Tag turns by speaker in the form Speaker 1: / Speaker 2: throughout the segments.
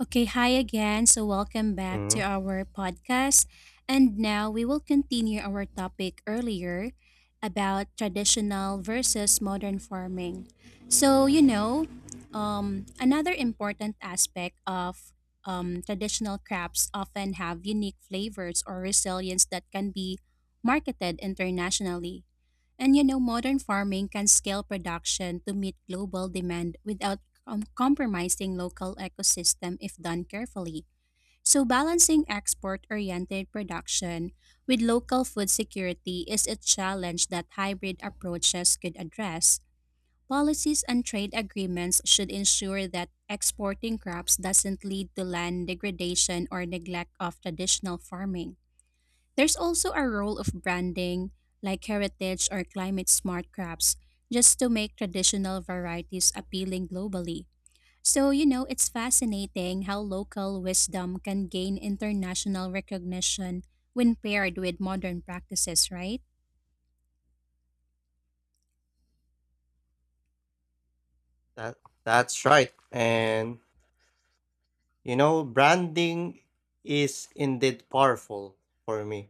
Speaker 1: Okay, hi again. So, welcome back
Speaker 2: Mhm.
Speaker 1: to our podcast. And now we will continue our topic earlier about traditional versus modern farming. So, you know, another important aspect of traditional crops often have unique flavors or resilience that can be marketed internationally. And you know, modern farming can scale production to meet global demand without compromising local ecosystem if done carefully. So, balancing export oriented production with local food security is a challenge that hybrid approaches could address. Policies and trade agreements should ensure that exporting crops doesn't lead to land degradation or neglect of traditional farming. There's also a role of branding, like heritage or climate smart crops, just to make traditional varieties appealing globally. So, you know, it's fascinating how local wisdom can gain international recognition when paired with modern practices, right?
Speaker 2: That that's right. Branding is indeed powerful for me,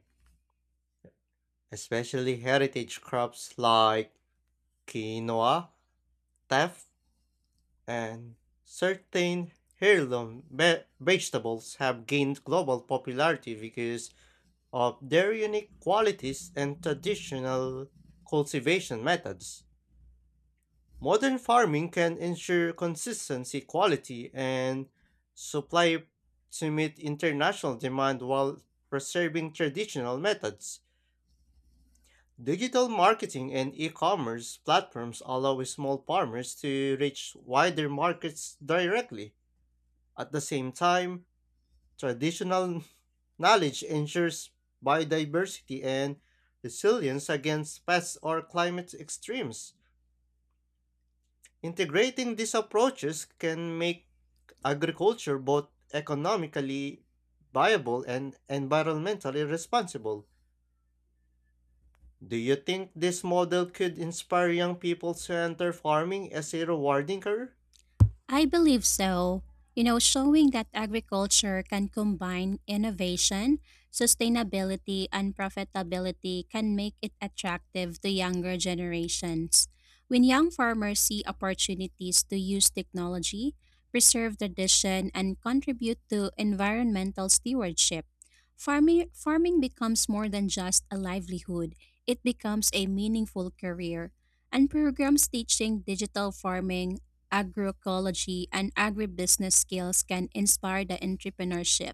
Speaker 2: especially heritage crops like quinoa, teff, and certain heirloom vegetables have gained global popularity because of their unique qualities and traditional cultivation methods. Modern farming can ensure consistency, quality, and supply to meet international demand while preserving traditional methods. Digital marketing and e commerce platforms allow small farmers to reach wider markets directly. At the same time, traditional knowledge ensures biodiversity and resilience against pests or climate extremes. Integrating these approaches can make agriculture both economically viable and environmentally responsible. Do you think this model could inspire young people to enter farming as a rewarding career?
Speaker 1: I believe so. You know, showing that agriculture can combine innovation, sustainability, and profitability can make it attractive to younger generations. When young farmers see opportunities to use technology, preserve tradition, and contribute to environmental stewardship, farming becomes more than just a livelihood, it becomes a meaningful career and programs teaching digital farming, agroecology, and agribusiness skills can inspire the entrepreneurship.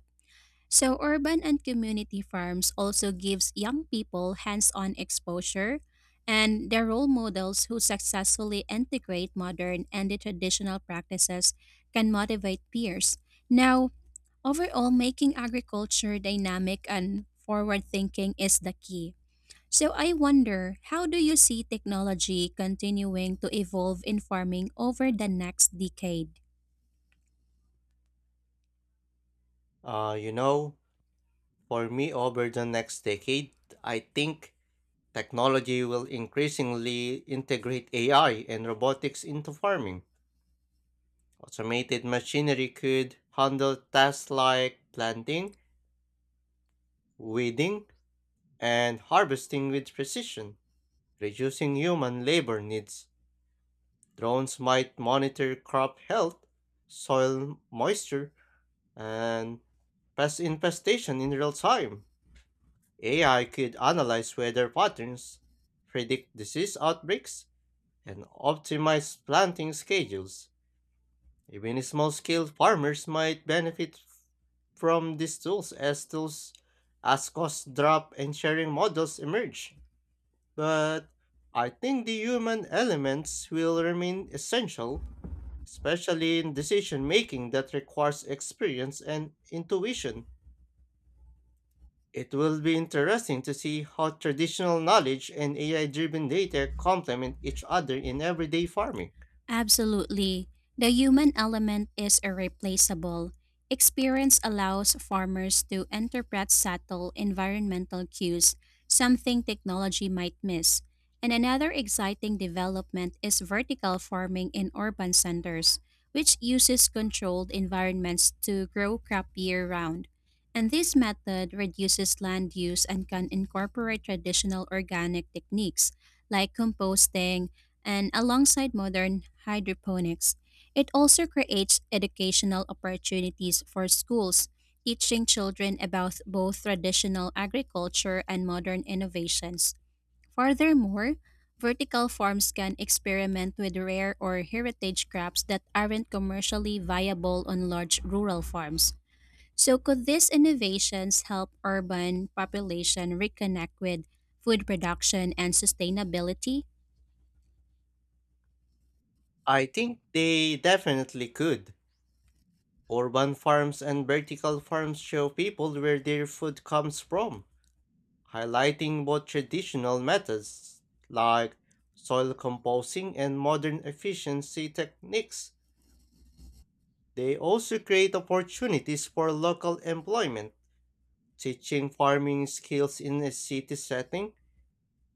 Speaker 1: So urban and community farms also gives young people hands-on exposure and their role models who successfully integrate modern and the traditional practices can motivate peers. Now, overall making agriculture dynamic and forward thinking is the key. So I wonder, how do you see technology continuing to evolve in farming over the next decade?
Speaker 2: Uh, you know, for me, over the next decade, I think technology will increasingly integrate AI and robotics into farming. Automated machinery could handle tasks like planting, weeding, and harvesting with precision. Reducing human labor needs, drones might monitor crop health, soil moisture, and pest infestation in real time. AI could analyze weather patterns, predict disease outbreaks, and optimize planting schedules. Even small scale farmers might benefit from these tools as cost drop and sharing models emerge. But I think the human elements will remain essential, especially in decision making that requires experience and intuition. It will be interesting to see how traditional knowledge and AI driven data complement each other in everyday farming.
Speaker 1: Absolutely. The human element is irreplaceable. Experience allows farmers to interpret subtle environmental cues, something technology might miss. And another exciting development is vertical farming in urban centers, which uses controlled environments to grow crop year round. And this method reduces land use and can incorporate traditional organic techniques like composting, and alongside modern hydroponics, it also creates educational opportunities for schools, teaching children about both traditional agriculture and modern innovations. Furthermore, vertical farms can experiment with rare or heritage crops that aren't commercially viable on large rural farms. So could these innovations help urban population reconnect with food production and sustainability?
Speaker 2: I think they definitely could. Urban farms and vertical farms show people where their food comes from, highlighting both traditional methods like soil composting and modern efficiency techniques. They also create opportunities for local employment, teaching farming skills in a city setting.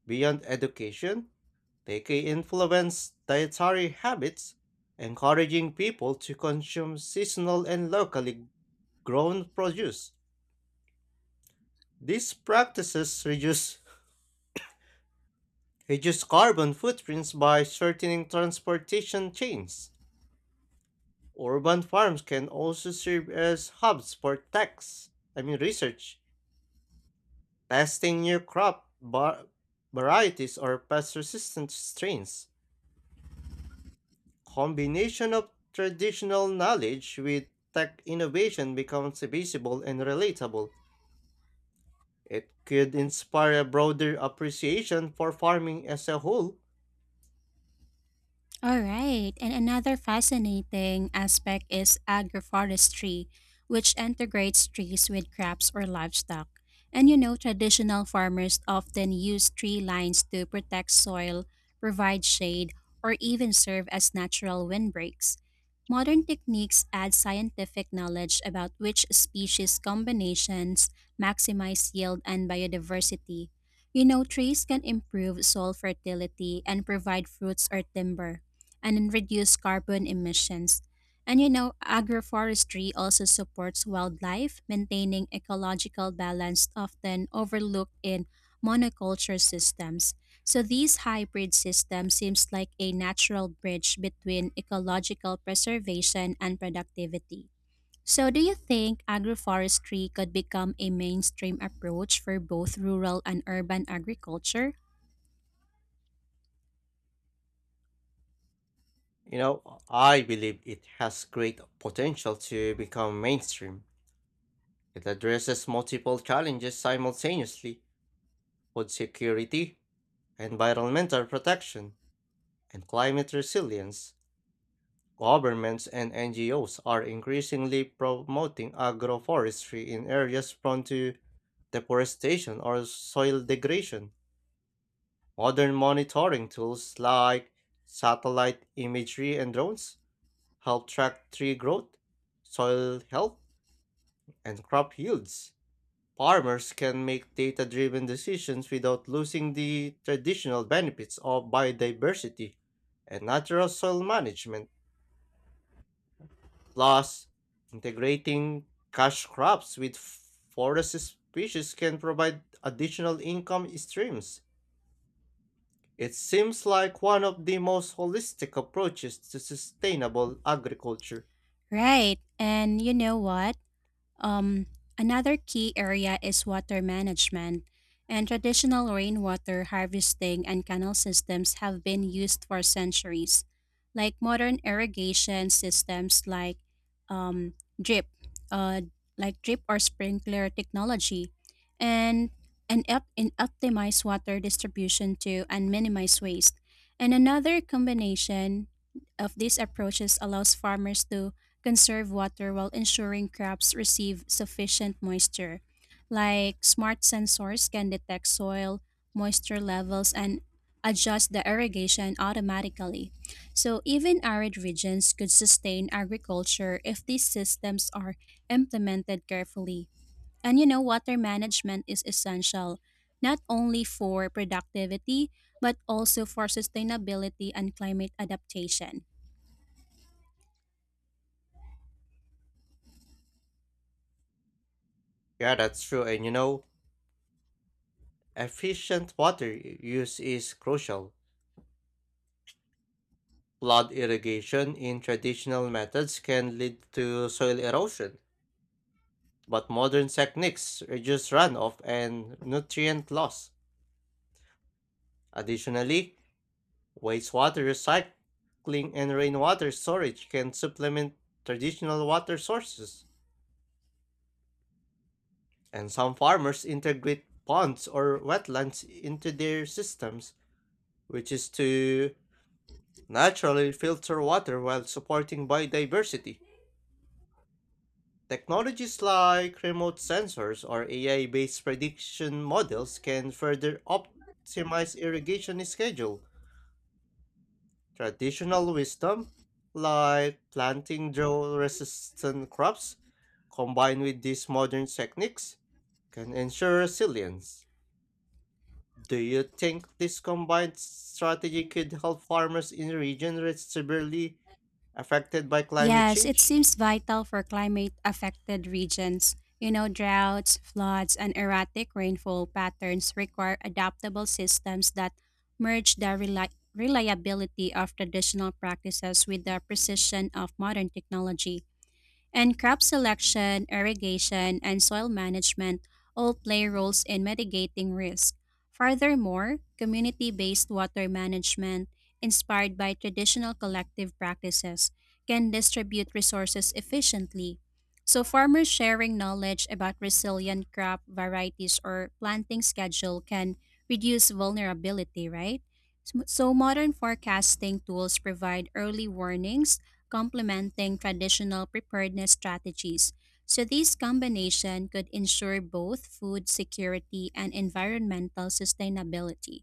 Speaker 2: Beyond education, they can influence dietary habits, encouraging people to consume seasonal and locally grown produce. These practices reduce carbon footprints by shortening transportation chains. Urban farms can also serve as hubs for tax, I mean research, testing new crop varieties or pest-resistant strains. Combination of traditional knowledge with tech innovation becomes visible and relatable. It could inspire a broader appreciation for farming as a whole.
Speaker 1: All right, and another fascinating aspect is agroforestry, which integrates trees with crops or livestock. And you know, traditional farmers often use tree lines to protect soil, provide shade, or even serve as natural windbreaks. Modern techniques add scientific knowledge about which species combinations maximize yield and biodiversity. You know, trees can improve soil fertility and provide fruits or timber and reduce carbon emissions. And you know, agroforestry also supports wildlife, maintaining ecological balance often overlooked in monoculture systems. So these hybrid systems seems like a natural bridge between ecological preservation and productivity. So do you think agroforestry could become a mainstream approach for both rural and urban agriculture?
Speaker 2: You know, I believe it has great potential to become mainstream. It addresses multiple challenges simultaneously: food security, environmental protection, and climate resilience. Governments and NGOs are increasingly promoting agroforestry in areas prone to deforestation or soil degradation. Modern monitoring tools like satellite imagery and drones help track tree growth, soil health, and crop yields. Farmers can make data driven decisions without losing the traditional benefits of biodiversity and natural soil management. Plus, integrating cash crops with forest species can provide additional income streams. It seems like one of the most holistic approaches to sustainable agriculture.
Speaker 1: Right. And you know what? Um, Another key area is water management, and traditional rainwater harvesting and canal systems have been used for centuries. Like modern irrigation systems like um, drip, uh, like drip or sprinkler technology, and and optimize water distribution to and minimize waste. And another combination of these approaches allows farmers to conserve water while ensuring crops receive sufficient moisture. Like smart sensors can detect soil moisture levels and adjust the irrigation automatically. So even arid regions could sustain agriculture if these systems are implemented carefully. And you know, water management is essential not only for productivity but also for sustainability and climate adaptation.
Speaker 2: Yeah, that's true. And you know, efficient water use is crucial. Flood irrigation in traditional methods can lead to soil erosion, but modern techniques reduce runoff and nutrient loss. Additionally, wastewater recycling and rainwater storage can supplement traditional water sources, and some farmers integrate ponds or wetlands into their systems, which is to naturally filter water while supporting biodiversity. Technologies like remote sensors or AI based prediction models can further optimize irrigation schedule. Traditional wisdom, like planting drought resistant crops, combined with these modern techniques, can ensure resilience. Do you think this combined strategy could help farmers in regions severely affected by climate
Speaker 1: Yes, it
Speaker 2: change?
Speaker 1: seems vital for climate affected regions. You know, droughts, floods, and erratic rainfall patterns require adaptable systems that merge the reliability of traditional practices with the precision of modern technology. And crop selection, irrigation, and soil management all play roles in mitigating risk. Furthermore, community based water management, inspired by traditional collective practices, can distribute resources efficiently. So, farmers sharing knowledge about resilient crop varieties or planting schedule can reduce vulnerability, right? So modern forecasting tools provide early warnings complementing traditional preparedness strategies. So, this combination could ensure both food security and environmental sustainability.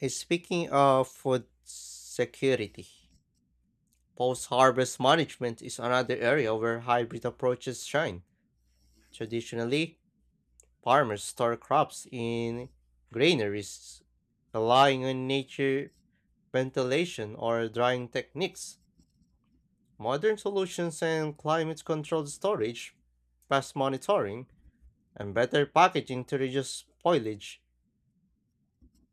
Speaker 2: Speaking of food security, post harvest management is another area where hybrid approaches shine. Traditionally, farmers store crops in granaries, relying on nature ventilation or drying techniques. Modern solutions and climate controlled storage, pest monitoring, and better packaging to reduce spoilage.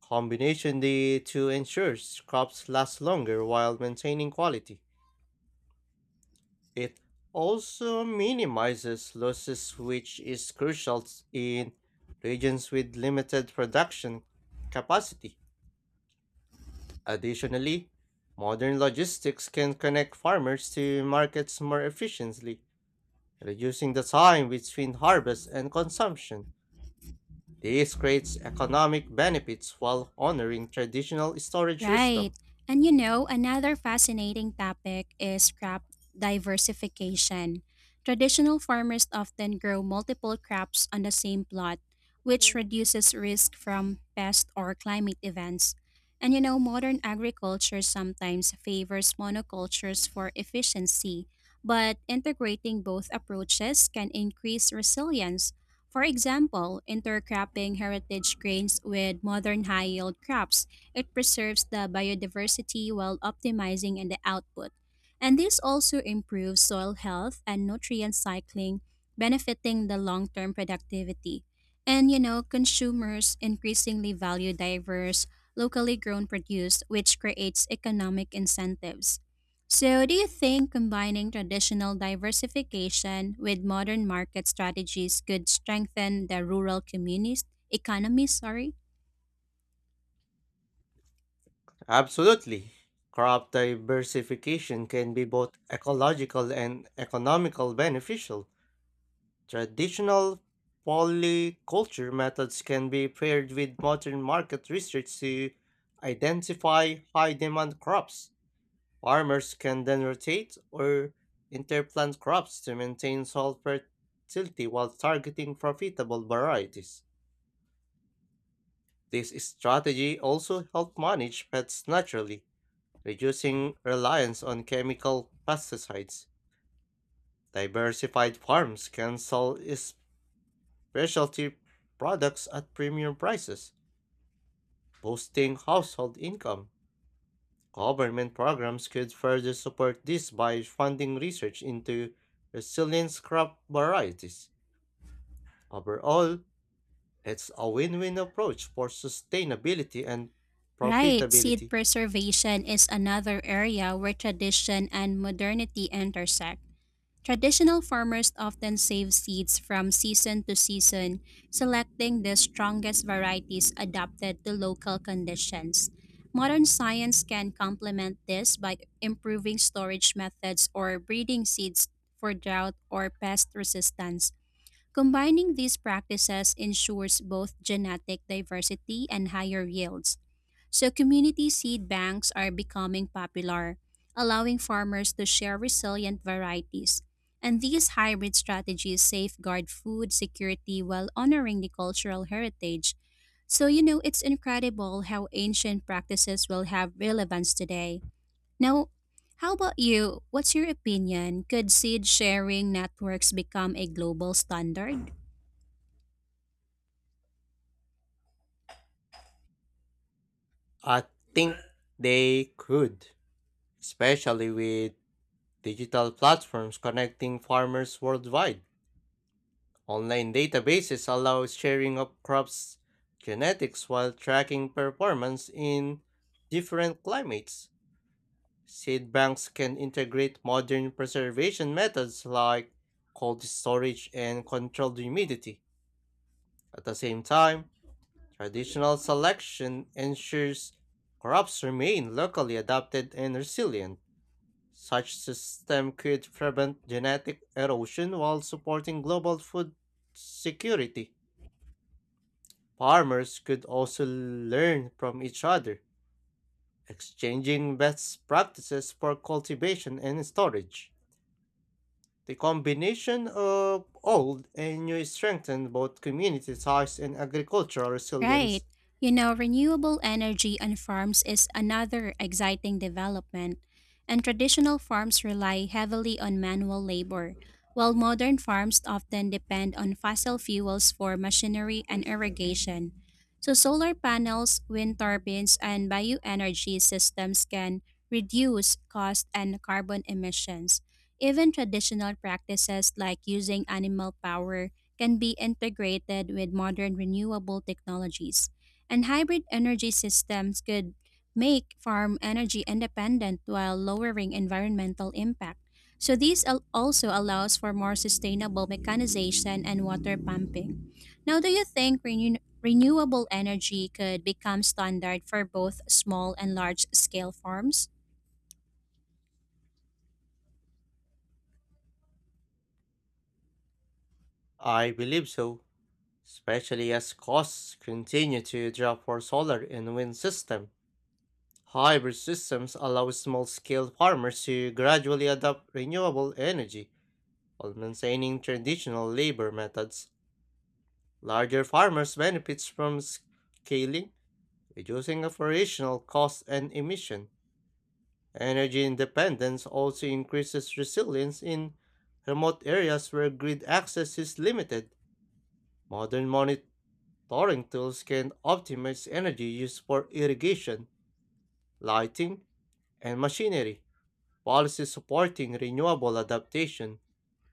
Speaker 2: Combination the two ensures crops last longer while maintaining quality. It also minimizes losses, which is crucial in regions with limited production capacity. Additionally, modern logistics can connect farmers to markets more efficiently, reducing the time between harvest and consumption. This creates economic benefits while honoring traditional storage
Speaker 1: Right.
Speaker 2: wisdom.
Speaker 1: And you know, another fascinating topic is crop diversification. Traditional farmers often grow multiple crops on the same plot, which reduces risk from pest or climate events. And you know, modern agriculture sometimes favors monocultures for efficiency, but integrating both approaches can increase resilience. For example, intercropping heritage grains with modern high yield crops it preserves the biodiversity while optimizing in the output. And this also improves soil health and nutrient cycling, benefiting the long term productivity. And you know, consumers increasingly value diverse, locally grown produce, which creates economic incentives. So, do you think combining traditional diversification with modern market strategies could strengthen the rural communist economy? Sorry.
Speaker 2: Absolutely. Crop diversification can be both ecological and economical beneficial. Traditional polyculture methods can be paired with modern market research to identify high demand crops. Farmers can then rotate or interplant crops to maintain soil fertility while targeting profitable varieties. This strategy also helps manage pests naturally, reducing reliance on chemical pesticides. Diversified farms can sell specialty products at premium prices, boosting household income. Government programs could further support this by funding research into resilient crop varieties. Overall, it's a win win approach for sustainability and
Speaker 1: Right, seed
Speaker 2: profitability.
Speaker 1: preservation is another area where tradition and modernity intersect. Traditional farmers often save seeds from season to season, selecting the strongest varieties adapted to local conditions. Modern science can complement this by improving storage methods or breeding seeds for drought or pest resistance. Combining these practices ensures both genetic diversity and higher yields. So, community seed banks are becoming popular, allowing farmers to share resilient varieties. And these hybrid strategies safeguard food security while honoring the cultural heritage. So, you know, it's incredible how ancient practices will have relevance today. Now, how about you? What's your opinion? Could seed sharing networks become a global standard?
Speaker 2: I think they could, especially with digital platforms connecting farmers worldwide. Online databases allow sharing of crops' genetics while tracking performance in different climates. Seed banks can integrate modern preservation methods like cold storage and controlled humidity. At the same time, traditional selection ensures crops remain locally adapted and resilient. Such system could prevent genetic erosion while supporting global food security. Farmers could also learn from each other, exchanging best practices for cultivation and storage. The combination of old and new strengthened both community ties and agricultural resilience.
Speaker 1: Right. You know, renewable energy on farms is another exciting development, and traditional farms rely heavily on manual labor, while modern farms often depend on fossil fuels for machinery and irrigation. So, solar panels, wind turbines, and bioenergy systems can reduce cost and carbon emissions. Even traditional practices like using animal power can be integrated with modern renewable technologies, and hybrid energy systems could make farm energy independent while lowering environmental impact. So this also allows for more sustainable mechanization and water pumping. Now, do you think renewable energy could become standard for both small and large scale farms?
Speaker 2: I believe so, especially as costs continue to drop for solar and wind system. Hybrid systems allow small-scale farmers to gradually adopt renewable energy while maintaining traditional labor methods. Larger farmers benefits from scaling, reducing operational costs and emission. Energy independence also increases resilience in remote areas where grid access is limited. Modern monitoring tools can optimize energy use for irrigation, lighting, and machinery. Policies supporting renewable adaptation,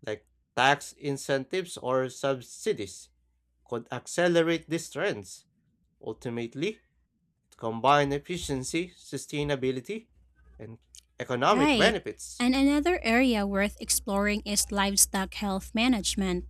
Speaker 2: like tax incentives or subsidies, could accelerate these trends. Ultimately, to combine efficiency, sustainability, and economic
Speaker 1: Right.
Speaker 2: benefits.
Speaker 1: And another area worth exploring is livestock health management.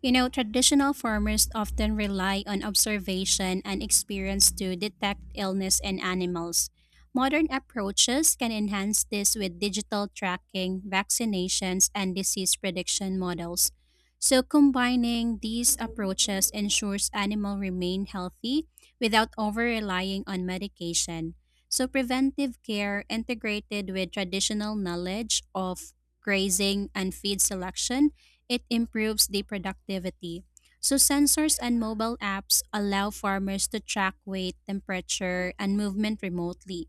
Speaker 1: You know, traditional farmers often rely on observation and experience to detect illness in animals. Modern approaches can enhance this with digital tracking, vaccinations, and disease prediction models. So, combining these approaches ensures animals remain healthy without over relying on medication. So preventive care integrated with traditional knowledge of grazing and feed selection, it improves the productivity. So sensors and mobile apps allow farmers to track weight, temperature, and movement remotely.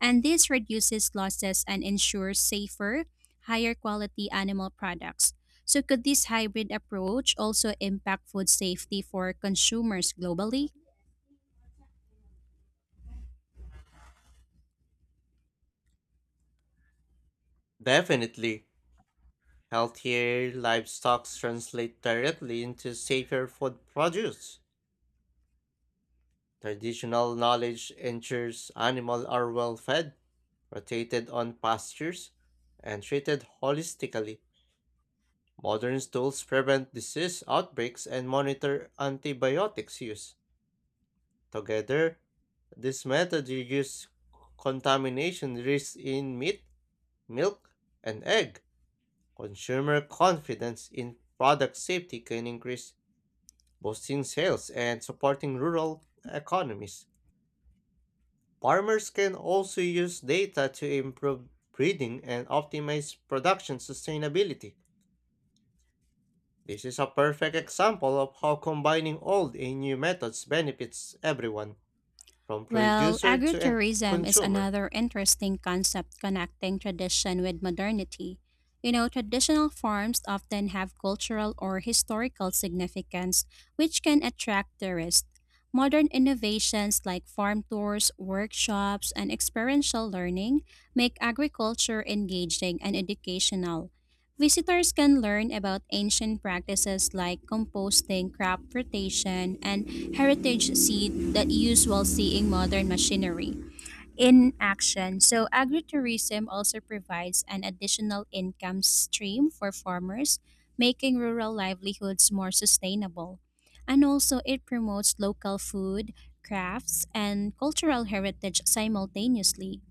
Speaker 1: And this reduces losses and ensures safer, higher quality animal products. So could this hybrid approach also impact food safety for consumers globally?
Speaker 2: Definitely, healthier livestock translate directly into safer food produce. Traditional knowledge ensures animals are well fed, rotated on pastures, and treated holistically. Modern tools prevent disease outbreaks and monitor antibiotics use. Together, this method reduces contamination risk in meat, milk, and egg, consumer confidence in product safety can increase, boosting sales and supporting rural economies. Farmers can also use data to improve breeding and optimize production sustainability. This is a perfect example of how combining old and new methods benefits everyone, from
Speaker 1: Well,
Speaker 2: producer to end
Speaker 1: agritourism is
Speaker 2: consumer.
Speaker 1: another interesting concept connecting tradition with modernity. You know, traditional farms often have cultural or historical significance, which can attract tourists. Modern innovations like farm tours, workshops, and experiential learning make agriculture engaging and educational. Visitors can learn about ancient practices like composting, crop rotation, and heritage seed that use while seeing modern machinery in action. So agritourism also provides an additional income stream for farmers, making rural livelihoods more sustainable. And also it promotes local food, crafts, and cultural heritage simultaneously.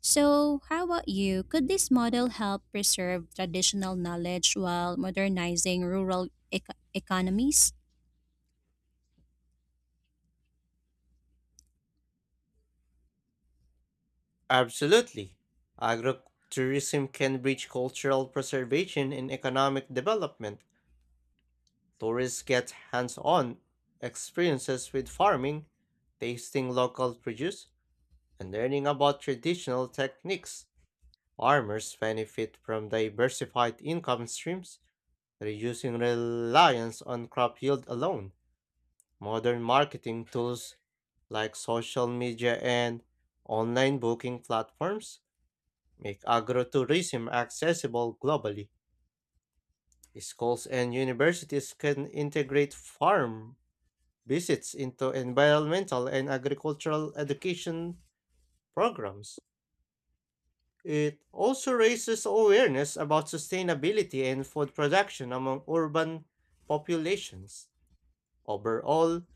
Speaker 1: So, how about you? Could this model help preserve traditional knowledge while modernizing rural economies?
Speaker 2: Absolutely. Agrotourism can bridge cultural preservation and economic development. Tourists get hands on experiences with farming, tasting local produce, and learning about traditional techniques. Farmers benefit from diversified income streams, reducing reliance on crop yield alone. Modern marketing tools like social media and online booking platforms make agrotourism accessible globally. Schools and universities can integrate farm visits into environmental and agricultural education programs. It also raises awareness about sustainability and food production among urban populations. Overall,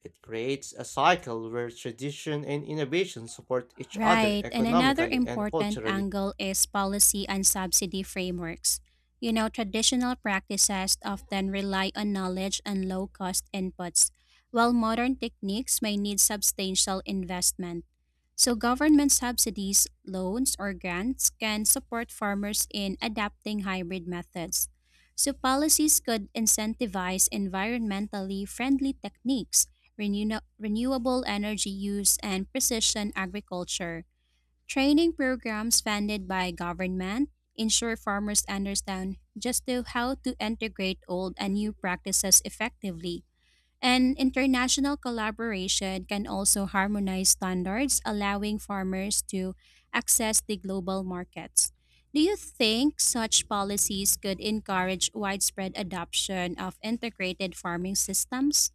Speaker 2: it creates a cycle where tradition and innovation support each other
Speaker 1: Right, and another
Speaker 2: economically and
Speaker 1: important
Speaker 2: culturally.
Speaker 1: angle is policy and subsidy frameworks. You know, traditional practices often rely on knowledge and low cost inputs, while modern techniques may need substantial investment. So, government subsidies, loans, or grants can support farmers in adapting hybrid methods. So, policies could incentivize environmentally friendly techniques, renewable energy use, and precision agriculture. Training programs funded by government ensure farmers understand just to how to integrate old and new practices effectively. And international collaboration can also harmonize standards, allowing farmers to access the global markets. Do you think such policies could encourage widespread adoption of integrated farming systems?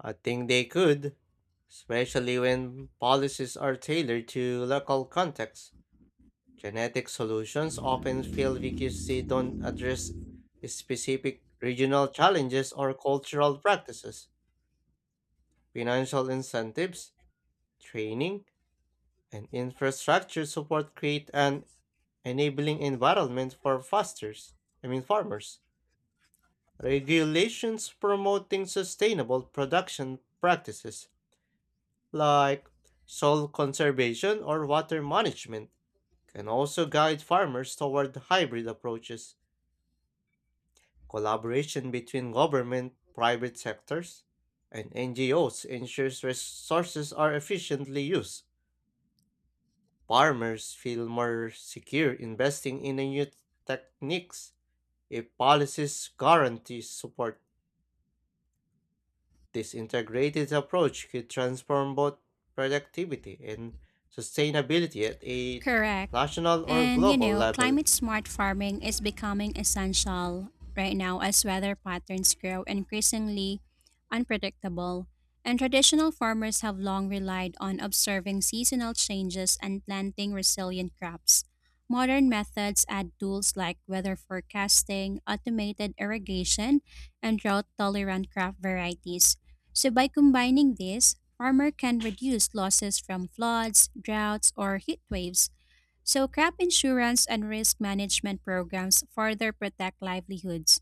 Speaker 2: I think they could, especially when policies are tailored to local contexts. Genetic solutions often fail because they don't address specific regional challenges or cultural practices. Financial incentives, training, and infrastructure support create an enabling environment for fosters, I mean farmers. Regulations promoting sustainable production practices like soil conservation or water management can also guide farmers toward hybrid approaches. Collaboration between government, private sectors, and NGOs ensures resources are efficiently used. Farmers feel more secure investing in the new techniques if policies guarantee support. This integrated approach could transform both productivity and sustainability at a
Speaker 1: Correct.
Speaker 2: national or
Speaker 1: And you
Speaker 2: global
Speaker 1: know,
Speaker 2: level.
Speaker 1: climate smart farming is becoming essential right now as weather patterns grow increasingly unpredictable. And traditional farmers have long relied on observing seasonal changes and planting resilient crops. Modern methods add tools like weather forecasting, automated irrigation, and drought tolerant crop varieties. So, by combining these, farmer can reduce losses from floods, droughts, or heat waves so, crop insurance and risk management programs further protect livelihoods,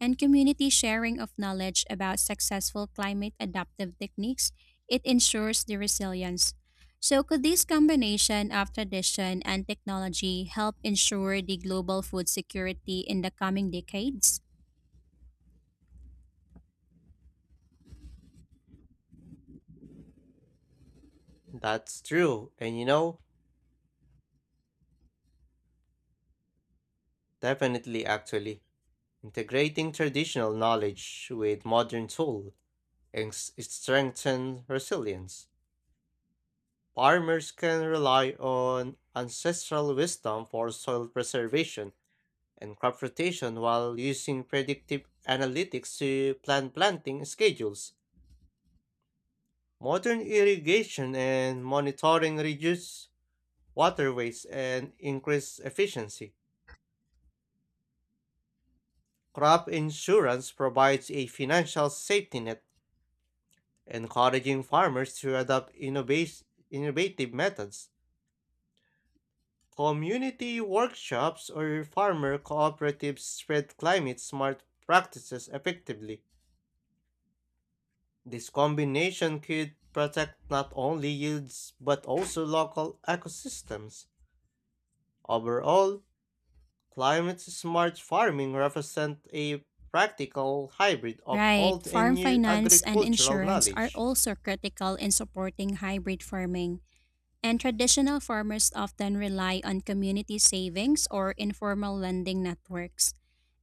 Speaker 1: and community sharing of knowledge about successful climate adaptive techniques, it ensures the resilience. So, could this combination of tradition and technology help ensure the global food security in the coming decades?
Speaker 2: That's true, and you know, definitely actually. Integrating traditional knowledge with modern tools and strengthen resilience. Farmers can rely on ancestral wisdom for soil preservation and crop rotation while using predictive analytics to plan planting schedules. Modern irrigation and monitoring reduce water waste and increase efficiency. Crop insurance provides a financial safety net encouraging farmers to adopt innovative methods. Community workshops or farmer cooperatives spread climate smart practices effectively. This combination could protect not only yields but also local ecosystems. Overall, climate smart farming represents a practical hybrid of
Speaker 1: Right,
Speaker 2: old and
Speaker 1: farm
Speaker 2: new
Speaker 1: finance and
Speaker 2: agricultural
Speaker 1: insurance are
Speaker 2: knowledge.
Speaker 1: also critical in supporting hybrid farming. And traditional farmers often rely on community savings or informal lending networks.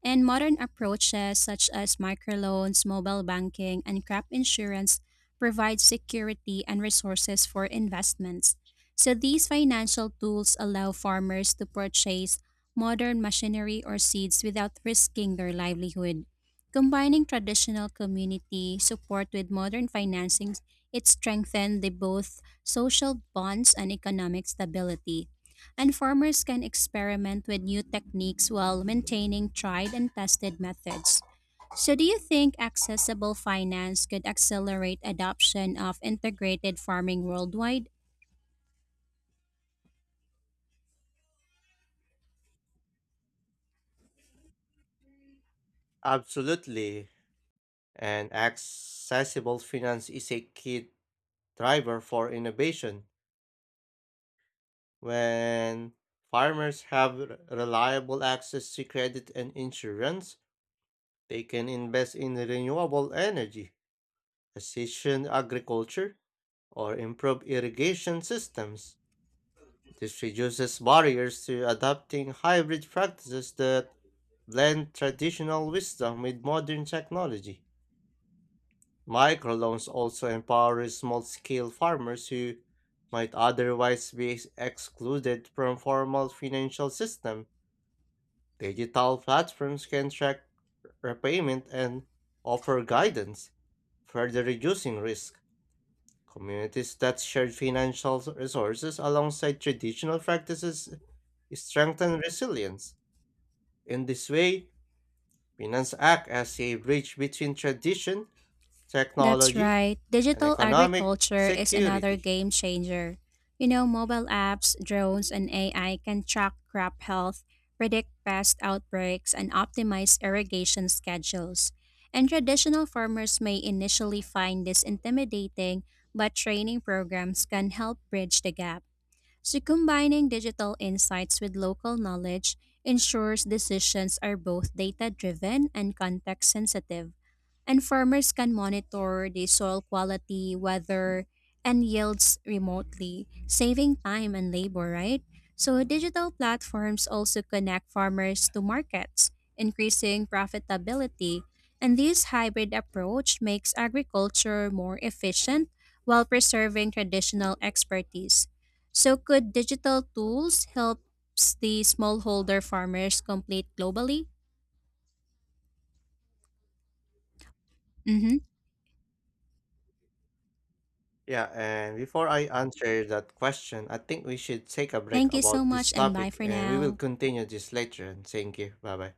Speaker 1: And modern approaches such as microloans, mobile banking, and crop insurance provide security and resources for investments. So these financial tools allow farmers to purchase modern machinery or seeds without risking their livelihood. Combining traditional community support with modern financing it strengthened the both social bonds and economic stability. And farmers can experiment with new techniques while maintaining tried and tested methods. So, do you think accessible finance could accelerate adoption of integrated farming worldwide?
Speaker 2: Absolutely. And accessible finance is a key driver for innovation. When farmers have reliable access to credit and insurance, they can invest in renewable energy, precision agriculture, or improve irrigation systems. This reduces barriers to adopting hybrid practices that blend traditional wisdom with modern technology. Microloans also empower small-scale farmers who might otherwise be excluded from formal financial system. Digital platforms can track repayment and offer guidance, further reducing risk. Communities that share financial resources alongside traditional practices strengthen resilience. In this way, finance act as a bridge between tradition,
Speaker 1: That's
Speaker 2: technology,
Speaker 1: right.
Speaker 2: and
Speaker 1: Digital
Speaker 2: economic
Speaker 1: agriculture is another
Speaker 2: security.
Speaker 1: game changer. You know, mobile apps, drones, and AI can track crop health, predict pest outbreaks, and optimize irrigation schedules. And traditional farmers may initially find this intimidating, but training programs can help bridge the gap. So, combining digital insights with local knowledge ensures decisions are both data driven and context sensitive and farmers can monitor the soil quality, weather, and yields remotely, saving time and labor, right? So, digital platforms also connect farmers to markets, increasing profitability. And this hybrid approach makes agriculture more efficient while preserving traditional expertise. So, could digital tools help the smallholder farmers compete globally? Mm-hmm.
Speaker 2: Yeah, and before I answer that question, I think we should take a break
Speaker 1: Thank you so
Speaker 2: about this
Speaker 1: much, and bye
Speaker 2: topic
Speaker 1: for
Speaker 2: and we will
Speaker 1: now.
Speaker 2: continue this later. And thank you. Bye bye.